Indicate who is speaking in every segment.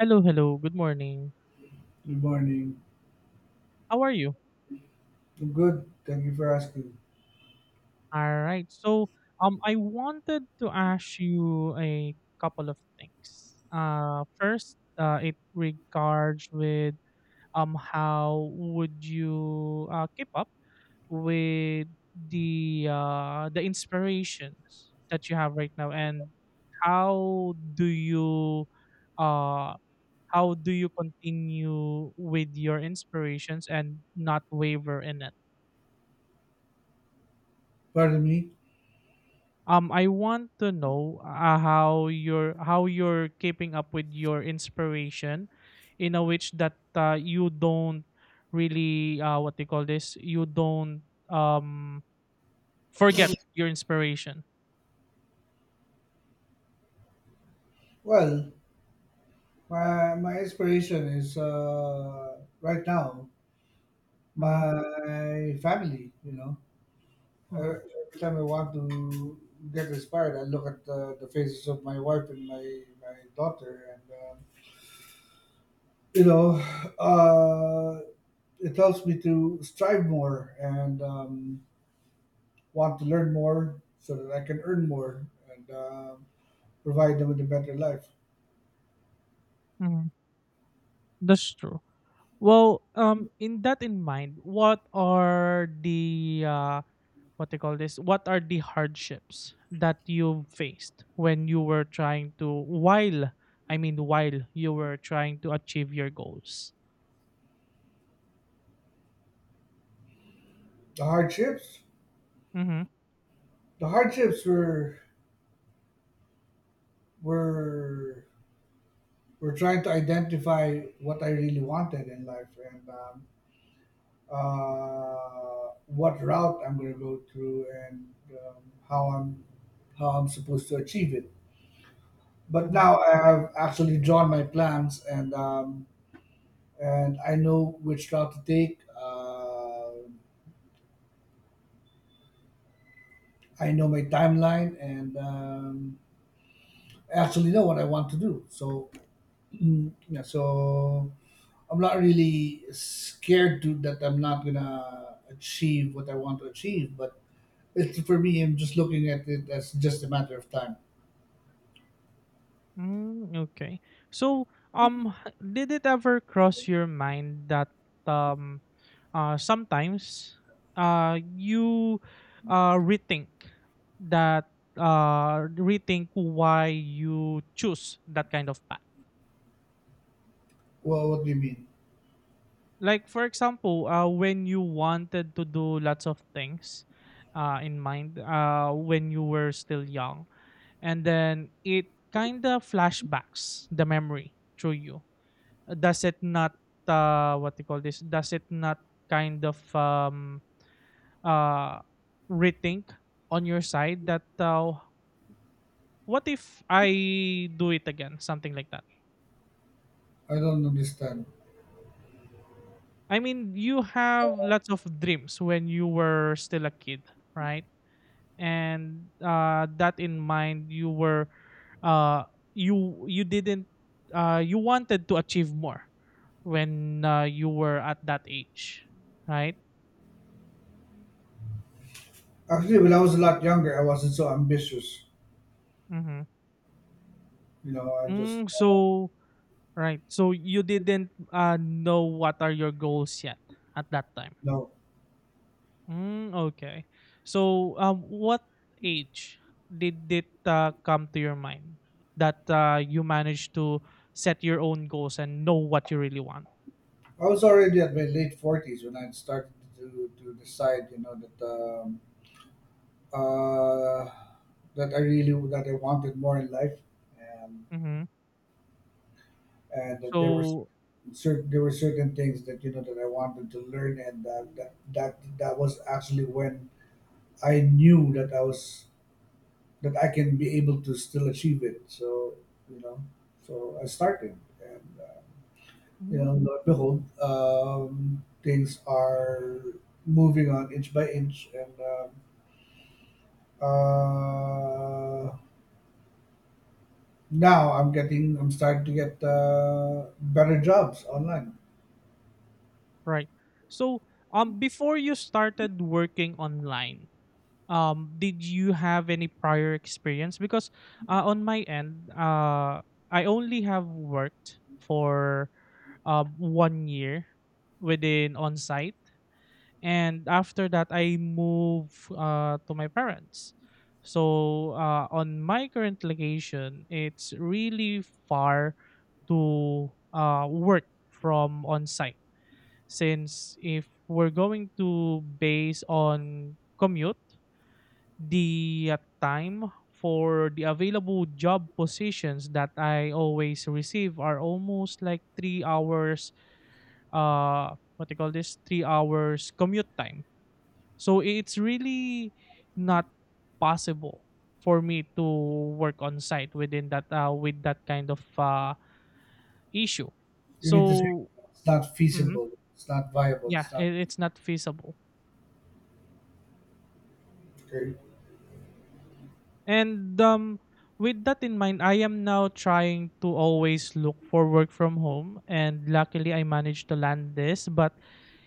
Speaker 1: Hello, hello. Good morning.
Speaker 2: Good morning.
Speaker 1: How are you?
Speaker 2: I'm good. Thank you for asking.
Speaker 1: All right. So, I wanted to ask you a couple of things. First, it regards with how would you keep up with the inspirations that you have right now, and how do you uh how do you continue with your inspirations and not waver in it?
Speaker 2: Pardon me.
Speaker 1: I want to know how you're keeping up with your inspiration, in a which that you don't really what they call this, you don't um forget your inspiration.
Speaker 2: Well, my inspiration is right now
Speaker 1: Mm-hmm,
Speaker 2: my family. You know,
Speaker 1: mm-hmm.
Speaker 2: every time I want to get inspired, I look at the faces of my wife and my daughter, and you know, uh, it helps me to strive more and want to learn more so that I can earn more and provide them with a better life.
Speaker 1: Mm, that's true. Well, in that in mind, what are the what they call this, what are the hardships that you faced when you were trying to while I mean, while you were trying to achieve your goals?
Speaker 2: The hardships?
Speaker 1: Mm-hmm,
Speaker 2: The hardships were were trying to identify what I really wanted in life and what route I'm going to go through and how I'm supposed to achieve it. But
Speaker 1: mm-hmm.
Speaker 2: now I have actually drawn my plans and I know which route to take. I know my timeline and I actually know what I want to do. So yeah, so I'm not really scared to that I'm not gonna achieve what I want to achieve, but it's for me. I'm just looking at it as just a matter of time.
Speaker 1: Mm, okay. So, um did it ever cross your mind that um sometimes you uh rethink rethink why you choose that kind of path?
Speaker 2: Well, what do you mean?
Speaker 1: Like, for example, when you wanted to do lots of things in mind, when you were still young, and then it kind of flashbacks the memory through you, does it not what do you call this, does it not kind of uh, rethink on your side that, what if I do it again, something like that?
Speaker 2: I don't understand.
Speaker 1: I mean, you have lots of dreams when you were still a kid, right? And that in mind, you were uh, you you didn't you wanted to achieve more when you were at that age, right?
Speaker 2: Actually, when I was a lot younger, I wasn't so ambitious.
Speaker 1: Mm-hmm.
Speaker 2: You know, I just,
Speaker 1: So, right, so you didn't know what are your goals yet at that time?
Speaker 2: no.
Speaker 1: Mm, okay. So, what age did it come to your mind that you managed to set your own goals and know what you really want?
Speaker 2: I was already at my late forties when I started to decide. You know that uh, that I really that I wanted more in life, and
Speaker 1: Mm-hmm.
Speaker 2: that there were
Speaker 1: So,
Speaker 2: certain things that you know that I wanted to learn, and that was actually when I knew that I can be able to still achieve it. So you know, I started, and lo and behold, things are moving on inch by inch, and uh, now I'm starting to get better jobs online.
Speaker 1: right. So, before you started working online, did you have any prior experience? Because, on my end, I only have worked for one year within on site, and after that, I moved to my parents. So, on my current location, it's really far to work from on site, since if we're going to base on commute, the time for the available job positions that I always receive are almost like 3 hours. What they call this? 3 hours commute time. So it's really not possible for me to work on site within that with that kind of issue.
Speaker 2: You mean to say
Speaker 1: So,
Speaker 2: it's not
Speaker 1: mhm.
Speaker 2: feasible, it's not viable,
Speaker 1: Yeah,
Speaker 2: it's not.
Speaker 1: it's not feasible.
Speaker 2: Okay.
Speaker 1: And, with that in mind, I am now trying to always look for work from home, and luckily I managed to land this, but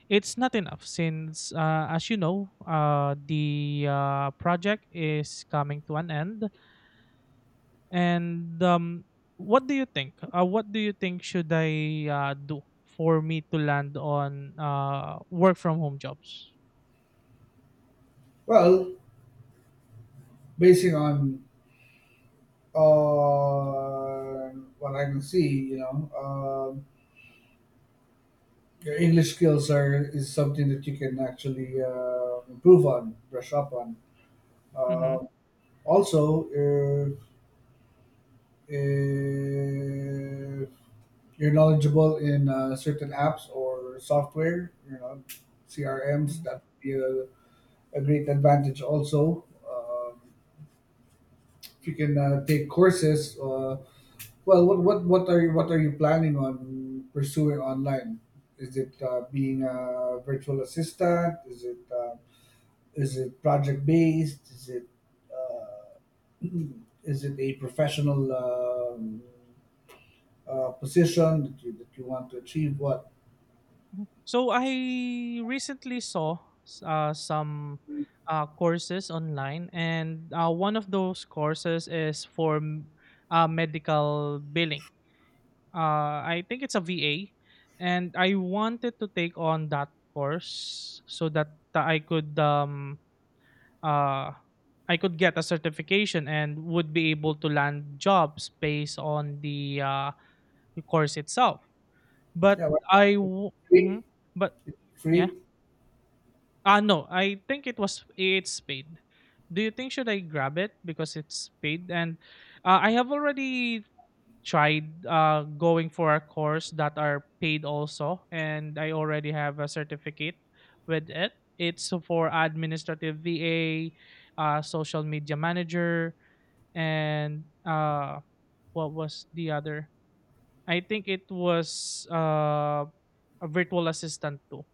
Speaker 1: it's not enough since, as you know, the project is coming to an end. And, what do you think? What do you think should I do for me to land on work from home jobs?
Speaker 2: Well, basing on what I can see, you know, your English skills are is something that you can actually improve on, brush up on.
Speaker 1: Mm-hmm.
Speaker 2: Um Also, if you're knowledgeable in certain apps or software, you know, CRMs, that would be a great advantage. Also, if you can take courses. Well, what are you planning on pursuing online? Is it being a virtual assistant? Is it project based? Is it uh, is it a professional position that you want to achieve? What?
Speaker 1: So I recently saw some courses online, and one of those courses is for medical billing. I think it's a VA, and I wanted to take on that course so that uh, I could get a certification and would be able to land jobs based on the course itself.
Speaker 2: Yeah, why not?
Speaker 1: Mhm.
Speaker 2: Free.
Speaker 1: But, yeah.
Speaker 2: Free.
Speaker 1: Ah, no. I think it's paid. Do you think should I grab it because it's paid? And, I have already tried going for a course that are paid also, and I already have a certificate with it. It's for administrative VA, social media manager, and, what was the other? I think it was a virtual assistant too,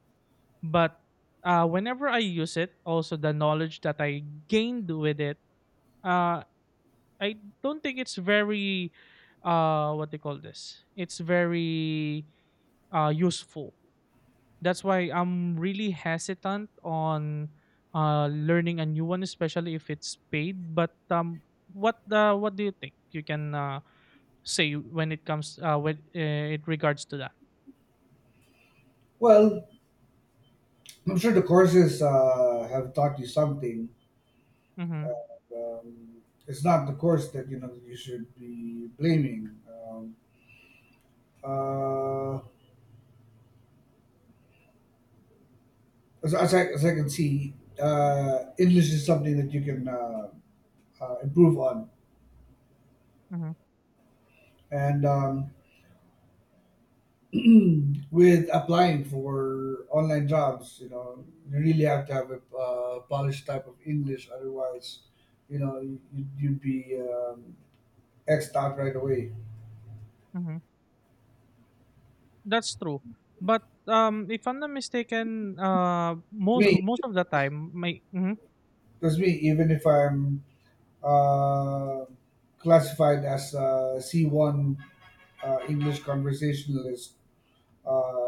Speaker 1: but, whenever I use it, also the knowledge that I gained with it, uh, I don't think it's very, what they call this? It's very useful. That's why I'm really hesitant on learning a new one, especially if it's paid. But, what do you think you can say when it comes with it regards to that?
Speaker 2: Well, I'm sure the courses have taught you something.
Speaker 1: Mm-hmm,
Speaker 2: Uh, um, it's not the course that you know you should be blaming. Uh, as I can see, English is something that you can improve on.
Speaker 1: mm-hmm,
Speaker 2: And with applying for online jobs, you know, you really have to have a polished type of English. Otherwise, you know, you'd be X'd out right away.
Speaker 1: mm-hmm. That's true. But, if I'm not mistaken, most
Speaker 2: Me,
Speaker 1: most of the time my mhm,
Speaker 2: because me, even if I'm uh, classified as a C1 English conversationalist,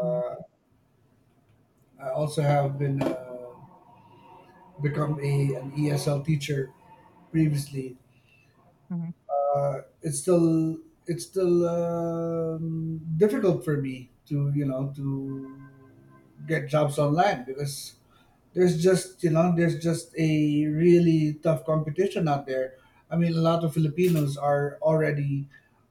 Speaker 1: mhm,
Speaker 2: I also have been become a an ESL teacher previously.
Speaker 1: mhm,
Speaker 2: Uh, it's still it's still difficult for me to you know to get jobs online because there's just you know there's just a really tough competition out there. I mean a lot of Filipinos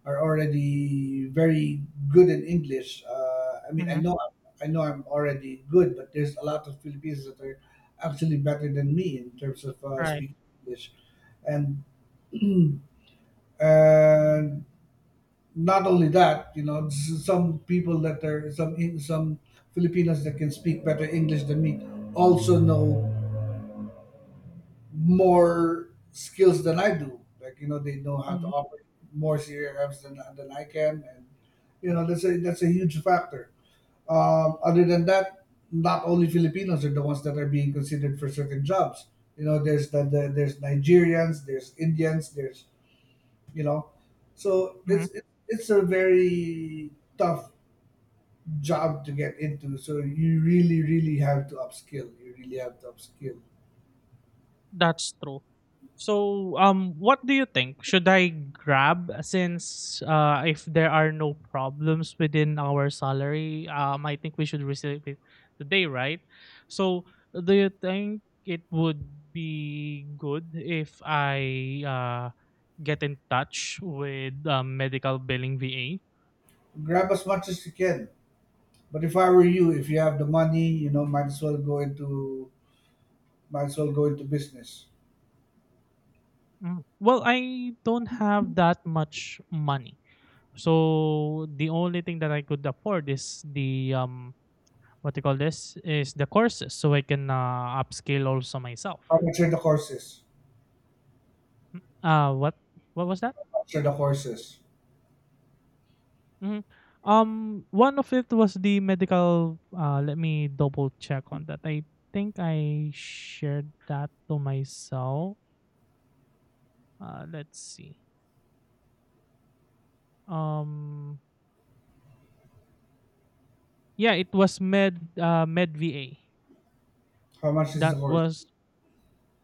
Speaker 2: are already very good in English. I mean i
Speaker 1: mhm,
Speaker 2: know i know I'm already good, but there's a lot of Filipinos that are actually better than me in terms of
Speaker 1: right,
Speaker 2: speaking English. And and not only that, you know, some people that are some Filipinos that can speak better English than me also know more skills than I do. Like, you know, they know how to
Speaker 1: mhm,
Speaker 2: operate more CRMs than I can, and you know that's a huge factor. Other than that, not only Filipinos are the ones that are being considered for certain jobs. You know, there's there's Nigerians, there's Indians, there's you know, so
Speaker 1: mhm,
Speaker 2: it's it's a very tough job to get into. So you really really have to upskill. You really have to upskill.
Speaker 1: that's true. So, what do you think? Should I grab since, if there are no problems within our salary, I think we should receive it today, right? So, do you think it would be good if I, get in touch with medical billing VA?
Speaker 2: Grab as much as you can. But if I were you, if you have the money, you know, might as well go into business.
Speaker 1: Mm. Well, I don't have that much money. So the only thing that I could afford is the what do you call this, is the courses, so I can upscale also myself.
Speaker 2: How much are the courses?
Speaker 1: Uh what what was that?
Speaker 2: How much are the courses?
Speaker 1: Hmm. One of it was the medical. Let me double check on that. I think I shared that to myself. Let's see. Um Yeah, it was Med VA.
Speaker 2: How much is the
Speaker 1: That
Speaker 2: course?
Speaker 1: was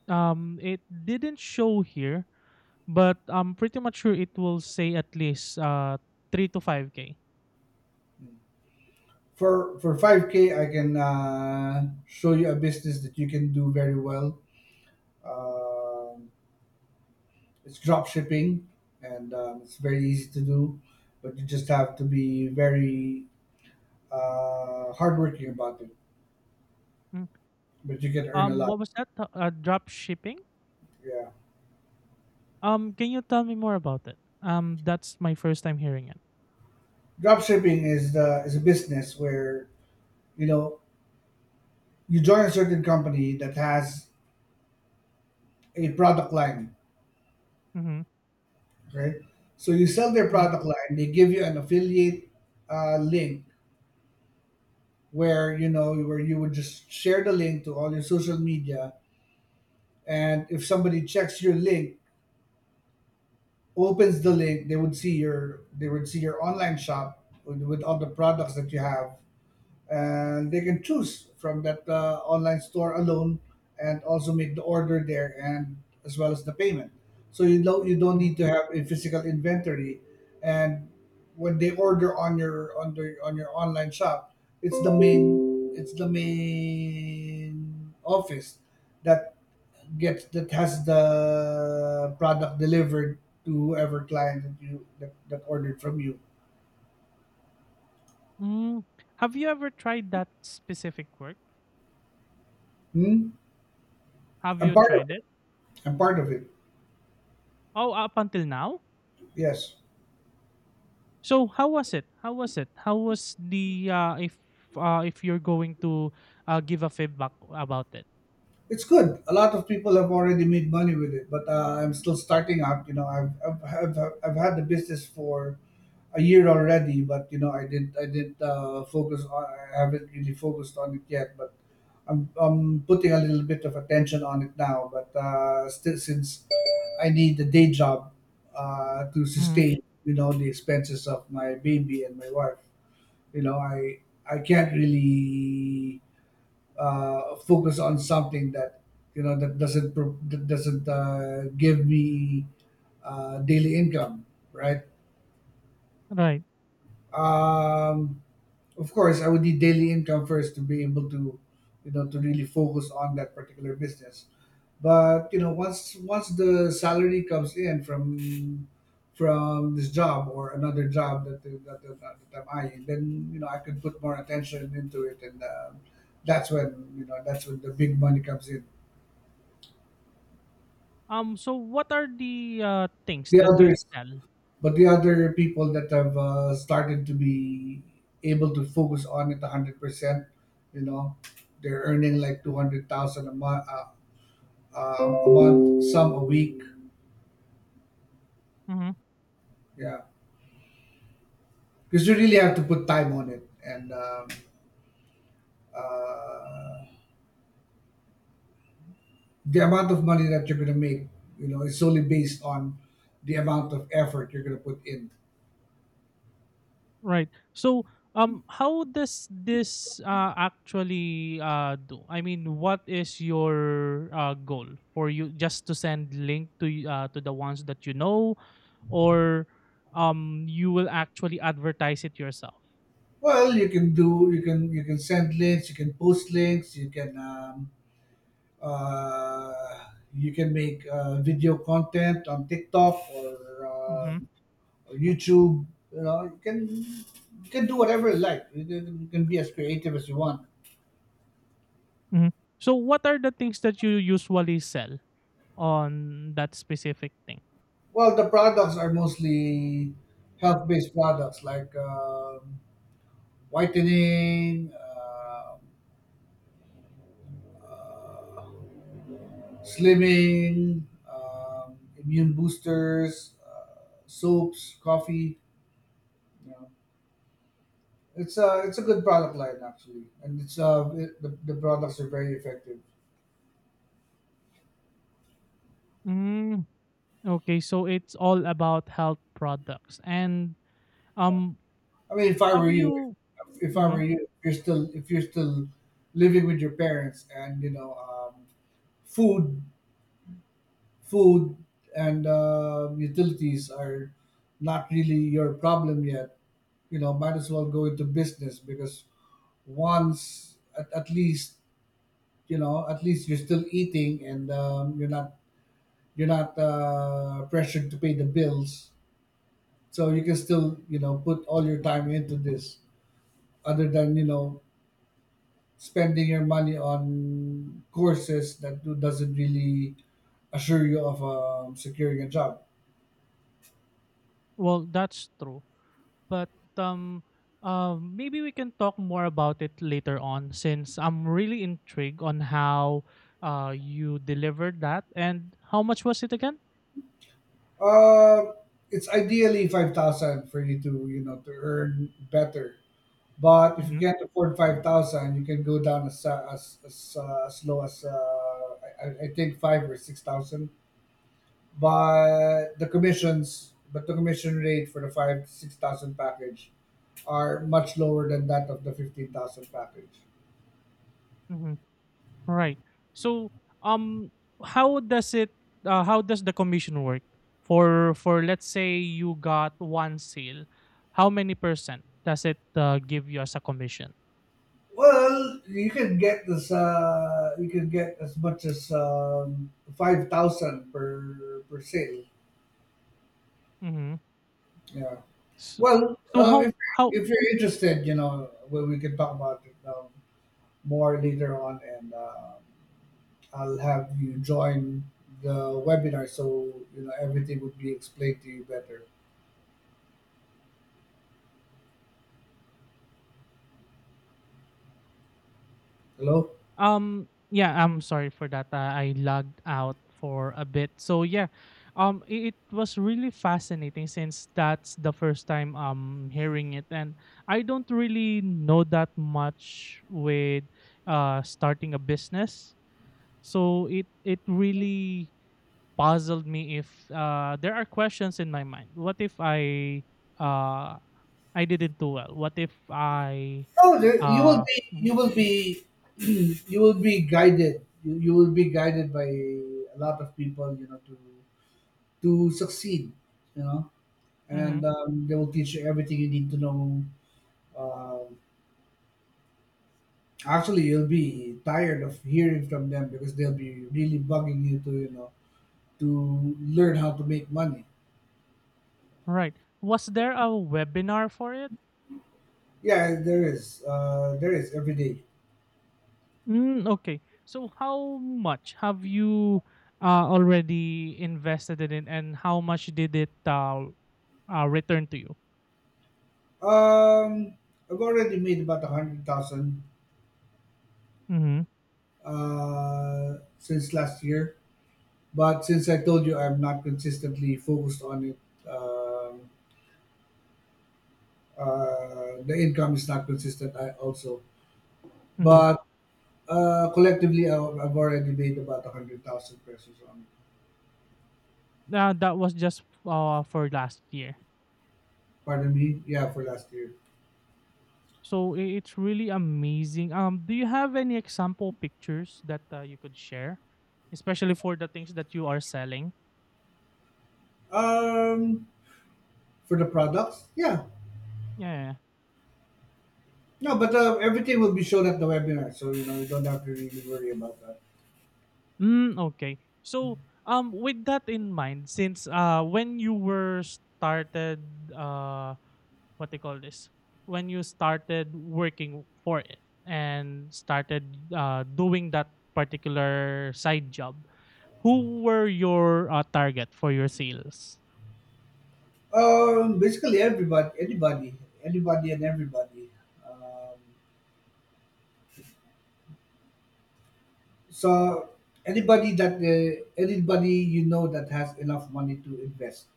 Speaker 1: It didn't show here, but I'm pretty much sure it will say at least 3 to 5K.
Speaker 2: For 5K, I can show you a business that you can do very well. Um, it's drop shipping, and it's very easy to do, but you just have to be very hardworking about it.
Speaker 1: Mm.
Speaker 2: But you can earn a lot.
Speaker 1: What was that? Drop shipping?
Speaker 2: Yeah,
Speaker 1: Can you tell me more about it? That's my first time hearing it.
Speaker 2: drop shipping is the is a business where you know you join a certain company that has a product line,
Speaker 1: Mm-hmm.
Speaker 2: okay? So you sell their
Speaker 1: Mm-hmm.
Speaker 2: product line, they give you an affiliate link where you would just share the link to all your social media, and if somebody checks your link, opens the link, they would see your online shop with, all the products that you have, and they can choose from that online store alone and also make the order there and as well as the payment, so you don't
Speaker 1: Mm-hmm.
Speaker 2: need to have a physical inventory. And when they order on your, on the on your online shop, it's the main office that gets, that has the product delivered to whoever client that ordered from you.
Speaker 1: Mm. Have you ever tried that specific work?
Speaker 2: Hmm?
Speaker 1: Have
Speaker 2: i'm
Speaker 1: you
Speaker 2: part of
Speaker 1: tried it?
Speaker 2: it I'm part of it.
Speaker 1: Oh, up until now?
Speaker 2: Yes.
Speaker 1: So how was it? How was it? How was the if you're going to give a feedback about it?
Speaker 2: It's good. A lot of people have already made money with it, but I'm still starting out. You know, I've had the business for a year already, but you know, I didn't focus on. I haven't really focused on it yet, but I'm putting a little bit of attention on it now. But still, since I need a day job to
Speaker 1: Mhm.
Speaker 2: sustain, you know, the expenses of my baby and my wife, you know, I can't really focus on something that you know that doesn't pro- that doesn't give me daily income, right?
Speaker 1: Right.
Speaker 2: Um, of course, I would need daily income first to be able to, you know, to really focus on that particular business. But you know, once the salary comes in from this job or another job that I'm eyeing, then you know I can put more attention into it, and that's when the big money comes in.
Speaker 1: So what are the, things
Speaker 2: The
Speaker 1: that you
Speaker 2: others.
Speaker 1: sell?
Speaker 2: But the other people that have started to be able to focus on it 100%, you know, they're earning like 200,000 a month, uh, a month, some a week.
Speaker 1: Mhm.
Speaker 2: Yeah. Because you really have to put time on it. And uh, the amount of money that you're going to make, you know, is solely based on the amount of effort you're going to put in.
Speaker 1: Right. So, how does this actually do? I mean, what is your goal for you? Just to send link to the ones that you know, or, you will actually advertise it yourself.
Speaker 2: Well, you can do, you can send links, you can post links, Uh, you can make video content on TikTok um
Speaker 1: Mm-hmm.
Speaker 2: or YouTube. You know, you can do whatever you like. You can be as creative as you want.
Speaker 1: Mhm. So what are the things that you usually sell on that specific thing?
Speaker 2: Well, the products are mostly health-based products like whitening, uh, slimming, immune boosters, soaps, coffee. You know. It's a, good product line actually, and the products are very effective.
Speaker 1: Mm, okay, so it's all about health products. And,
Speaker 2: Yeah,
Speaker 1: um
Speaker 2: I mean,
Speaker 1: have you
Speaker 2: if I were
Speaker 1: mhm?
Speaker 2: you, if you're still living with your parents, and you know, food, food, and utilities are not really your problem yet. You know, might as well go into business because once, at least, you're still eating and you're not, pressured to pay the bills. So you can still, put all your time into this, other than, spending your money on courses that doesn't really assure you of securing a job.
Speaker 1: Well, that's true. But, um maybe we can talk more about it later on, since I'm really intrigued on how you delivered that and how much was it again?
Speaker 2: uh, it's ideally 5,000 for you to you know to earn better, but if you
Speaker 1: Mhm,
Speaker 2: can't afford 5,000, you can go down as, as low as I think 5 or 6,000, but the commissions but the commission rate for the 5-6 thousand package are much lower than that of the 15,000 package.
Speaker 1: mhm. Right. So, um, how does it? How does the commission work for let's say you got one sale? How many percent does it give you as a commission?
Speaker 2: Well, you can get this. You can get as much as 5,000 per sale.
Speaker 1: Mm-hmm.
Speaker 2: Yeah.
Speaker 1: So,
Speaker 2: Well,
Speaker 1: so
Speaker 2: if
Speaker 1: how
Speaker 2: you're interested, you know, we can talk about it more later on, and I'll have you join the webinar so you know everything would be explained to you better. Hello.
Speaker 1: Yeah, I'm sorry for that. I logged out for a bit. So, yeah, it was really fascinating since that's the first time hearing it, and I don't really know that much with starting a business. So it really puzzled me if there are questions in my mind. What if I uh I didn't do well? What if I
Speaker 2: No, there, you will
Speaker 1: uh
Speaker 2: be.
Speaker 1: mhm,
Speaker 2: You will be. You will be guided. You will be guided by a lot of people to succeed. You know,
Speaker 1: mhm.
Speaker 2: and they will teach you everything you need to know. Um Actually, you'll be tired of hearing from them because they'll be really bugging you to you know to learn how to make money.
Speaker 1: Right. Was there a webinar for it?
Speaker 2: Yeah, there is. There is every day.
Speaker 1: Mm, okay. So how much have you already invested in it, and how much did it return to you?
Speaker 2: Um, I've already made about 100,000
Speaker 1: Mm-hmm.
Speaker 2: since last year. But since I told you I'm not consistently focused on it, um, the income is not consistent. I also,
Speaker 1: Mm-hmm.
Speaker 2: but Collectively, I've already made about 100,000 pesos on.
Speaker 1: That was just for last year.
Speaker 2: Pardon me, yeah, for last year.
Speaker 1: So, it's really amazing. Do you have any example pictures that you could share, especially for the things that you are selling?
Speaker 2: Um, for the products, yeah,
Speaker 1: Yeah. Yeah, yeah.
Speaker 2: no, but everything will be shown at the webinar, so you don't have to really worry about that.
Speaker 1: Mm, okay. So, with that in mind, since when you were started, what they call this, when you started working for it and started doing that particular side job, who were your target for your sales?
Speaker 2: Basically, everybody, anybody, anybody, and everybody. Um, So anybody that has enough money to invest.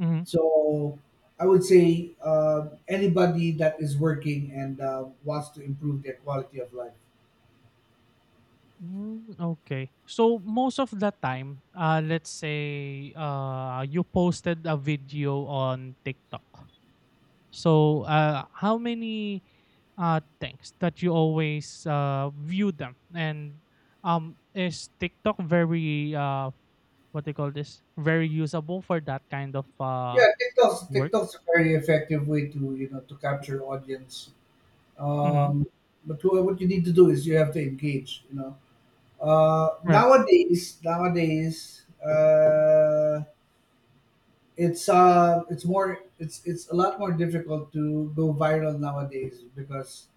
Speaker 1: Mm-hmm.
Speaker 2: So I would say anybody that is working and wants to improve their quality of life.
Speaker 1: Mm, okay. So most of the time, let's say you posted a video on TikTok. So, how many things that you always view them? And, is TikTok very what they call this? Very usable for that kind of
Speaker 2: Yeah, TikTok's
Speaker 1: work?
Speaker 2: TikTok's a very effective way to you know to capture audience.
Speaker 1: Mm-hmm.
Speaker 2: Um, but what you need to do is you have to engage.
Speaker 1: Right.
Speaker 2: Nowadays. It's it's more it's a lot more difficult to go viral nowadays, because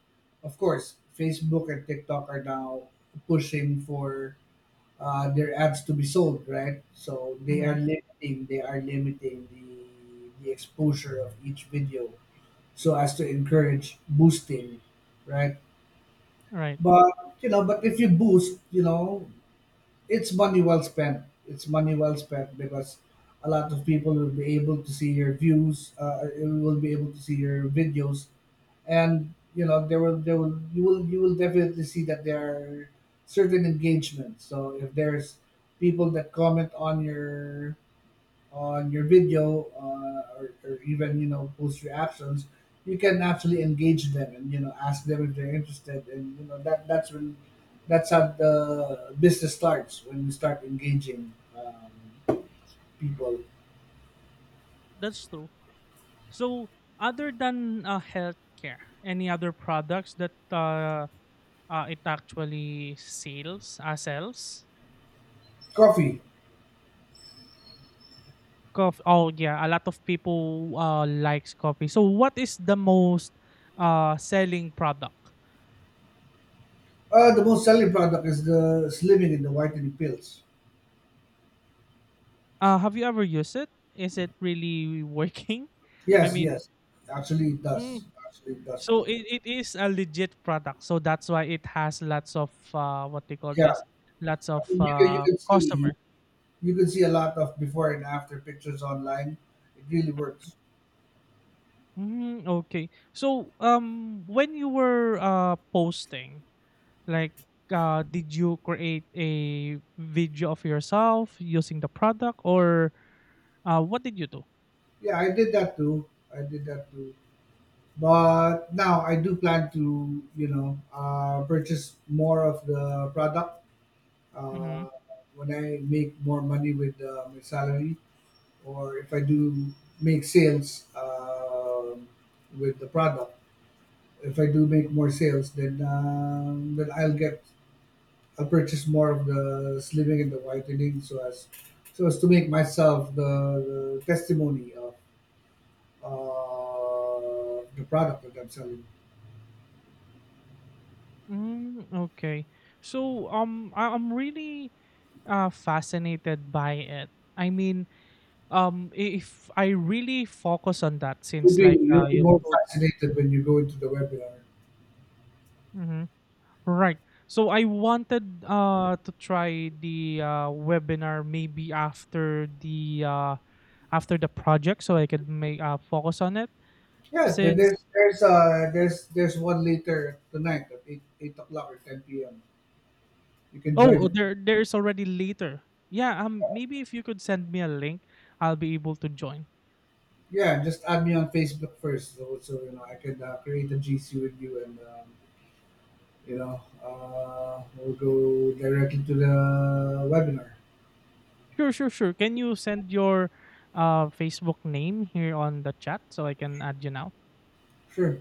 Speaker 2: of course Facebook and TikTok are now pushing for their ads to be sold, right, so they are
Speaker 1: Mm-hmm.
Speaker 2: limiting they are limiting the exposure of each video so as to encourage boosting, right.
Speaker 1: Right.
Speaker 2: But you know but if you boost, it's money well spent. It's money well spent because a lot of people will be able to see your views. Will be able to see your videos, and there will you will you will definitely see that there are certain engagements. So if there's people that comment on your video, or even post reactions, you can actually engage them and ask them if they're interested, and that's how the business starts, when you start engaging people.
Speaker 1: That's true. So, other than healthcare, any other products that it actually sales sells?
Speaker 2: Coffee.
Speaker 1: Coffee. Oh, yeah, a lot of people likes coffee. So what is the most selling product?
Speaker 2: The most selling product is the slimming and the whitening pills.
Speaker 1: Have you ever used it? Is it really working? I
Speaker 2: Yes,
Speaker 1: mean,
Speaker 2: yes,
Speaker 1: mm,
Speaker 2: actually it does
Speaker 1: so
Speaker 2: work.
Speaker 1: it is a legit product. So that's why it has lots of what they call
Speaker 2: Yeah.
Speaker 1: this, lots
Speaker 2: I
Speaker 1: of
Speaker 2: mean,
Speaker 1: customer.
Speaker 2: you can see a lot of before and after pictures online. It really works.
Speaker 1: Mm, okay. So, when you were posting, like, did you create a video of yourself using the product, or? What did you do?
Speaker 2: Yeah, I did that too. I did that too. But now I do plan to purchase more of the product uh,
Speaker 1: Mm-hmm.
Speaker 2: when I make more money with my salary, or if I do make sales with the product. If I do make more sales, then I'll purchase more of the slimming and the whitening, so as to make myself the testimony of the product that I'm selling.
Speaker 1: Mm, okay. So, I'm really fascinated by it. I mean, if I really focus on that,
Speaker 2: You'll
Speaker 1: since,
Speaker 2: be
Speaker 1: like,
Speaker 2: you'll be
Speaker 1: you've
Speaker 2: more
Speaker 1: told me.
Speaker 2: fascinated when you go into the webinar.
Speaker 1: Mm-hmm. Right. So I wanted to try the webinar maybe after the project, so I could make focus on it
Speaker 2: Yeah, there- there's
Speaker 1: since.
Speaker 2: there's uh there's there's one later tonight at eight o'clock or 10 p.m. You can join
Speaker 1: Oh,
Speaker 2: it.
Speaker 1: there's already later. Yeah, maybe if you could send me a link, I'll be able to join.
Speaker 2: Yeah, just add me on Facebook first, so, I can create a GC with you, and we'll go directly to the webinar.
Speaker 1: Sure, sure, sure. Can you send your Facebook name here on the chat so I can add you now?
Speaker 2: Sure.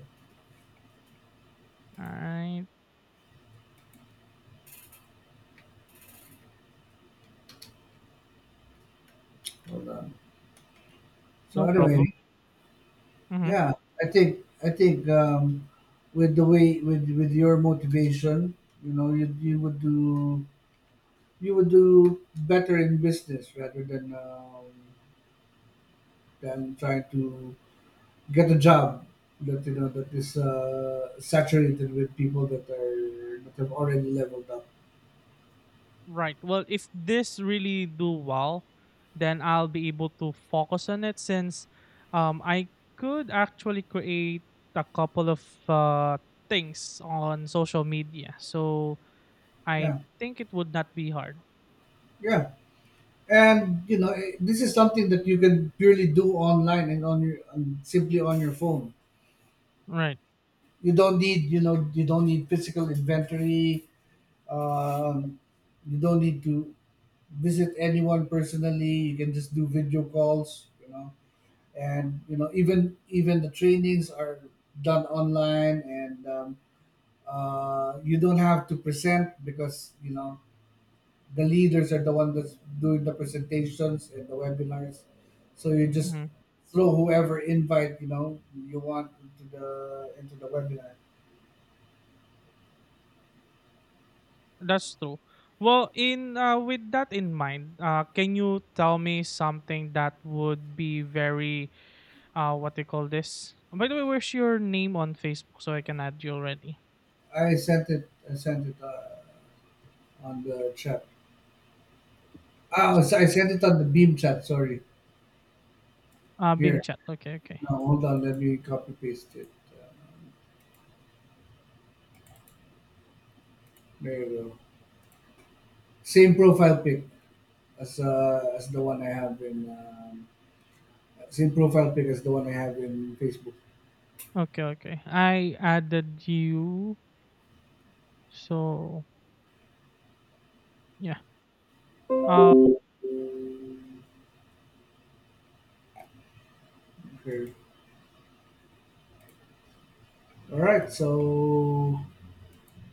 Speaker 1: All right.
Speaker 2: Hold on. So
Speaker 1: No
Speaker 2: anyway,
Speaker 1: problem. Mhm.
Speaker 2: yeah, I think with the way, with your motivation, you would do, you would do better in business rather than trying to get a job that, that is saturated with people that have already leveled up.
Speaker 1: Right. Well, if this really do well, then I'll be able to focus on it since, I could actually create a couple of things on social media. So I
Speaker 2: Yeah,
Speaker 1: think it would not be hard.
Speaker 2: yeah, and this is something that you can purely do online and, on your and simply on your phone.
Speaker 1: Right.
Speaker 2: You don't need physical inventory. Um, you don't need to visit anyone personally. You can just do video calls, and even the trainings are done online, and you don't have to present because, the leaders are the one that's doing the presentations and the webinars. So you just
Speaker 1: Hmm.
Speaker 2: throw whoever invite you want into the webinar.
Speaker 1: That's true. Well, in with that in mind, can you tell me something that would be very what do you call this? By the way, where's your name on Facebook so I can add you already?
Speaker 2: I sent it. I sent it on the chat. Oh, so I sent it on the Beam chat. Sorry.
Speaker 1: Beam
Speaker 2: Here.
Speaker 1: Chat. Okay, okay.
Speaker 2: Now, hold on. Let me copy paste it. Uh, there you go. Same profile pic as the one I have in same profile pic as the one I have in Facebook.
Speaker 1: Okay, okay. I added you. So, yeah. Uh
Speaker 2: Okay. All right. So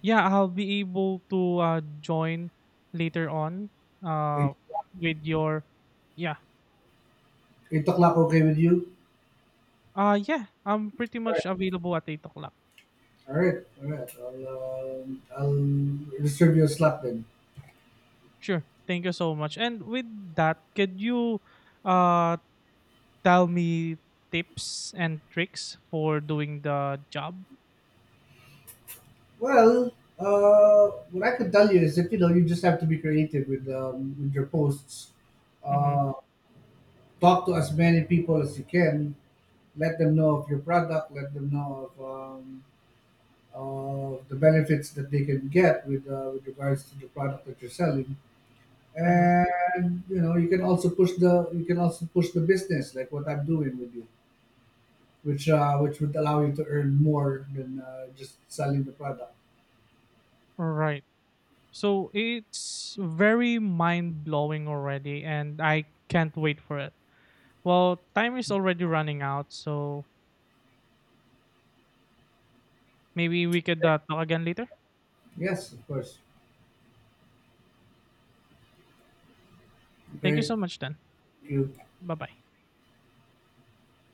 Speaker 1: yeah, I'll be able to join later on
Speaker 2: eight,
Speaker 1: uh with your yeah.
Speaker 2: 8 o'clock. Okay with you?
Speaker 1: Yeah, I'm pretty
Speaker 2: All right.
Speaker 1: much available at 8 o'clock.
Speaker 2: All right. All right. I'll reserve your slot then.
Speaker 1: Sure. Thank you so much. And with that, could you uh tell me tips and tricks for doing the job?
Speaker 2: Well, uh, what I could tell you is that you just have to be creative with your posts.
Speaker 1: Mhm.
Speaker 2: Uh, Talk to as many people as you can. Let them know of your product. Let them know of the benefits that they can get with regards to the product that you're selling.
Speaker 1: Mhm.
Speaker 2: And you can also push the business like what I'm doing with you, which would allow you to earn more than just selling the product.
Speaker 1: Right. So it's very mind blowing already, and I can't wait for it. Well, time is already running out, so maybe we could talk again later.
Speaker 2: Yes, of course. Okay.
Speaker 1: Thank you so
Speaker 2: Thank
Speaker 1: much, then.
Speaker 2: you.
Speaker 1: Bye bye.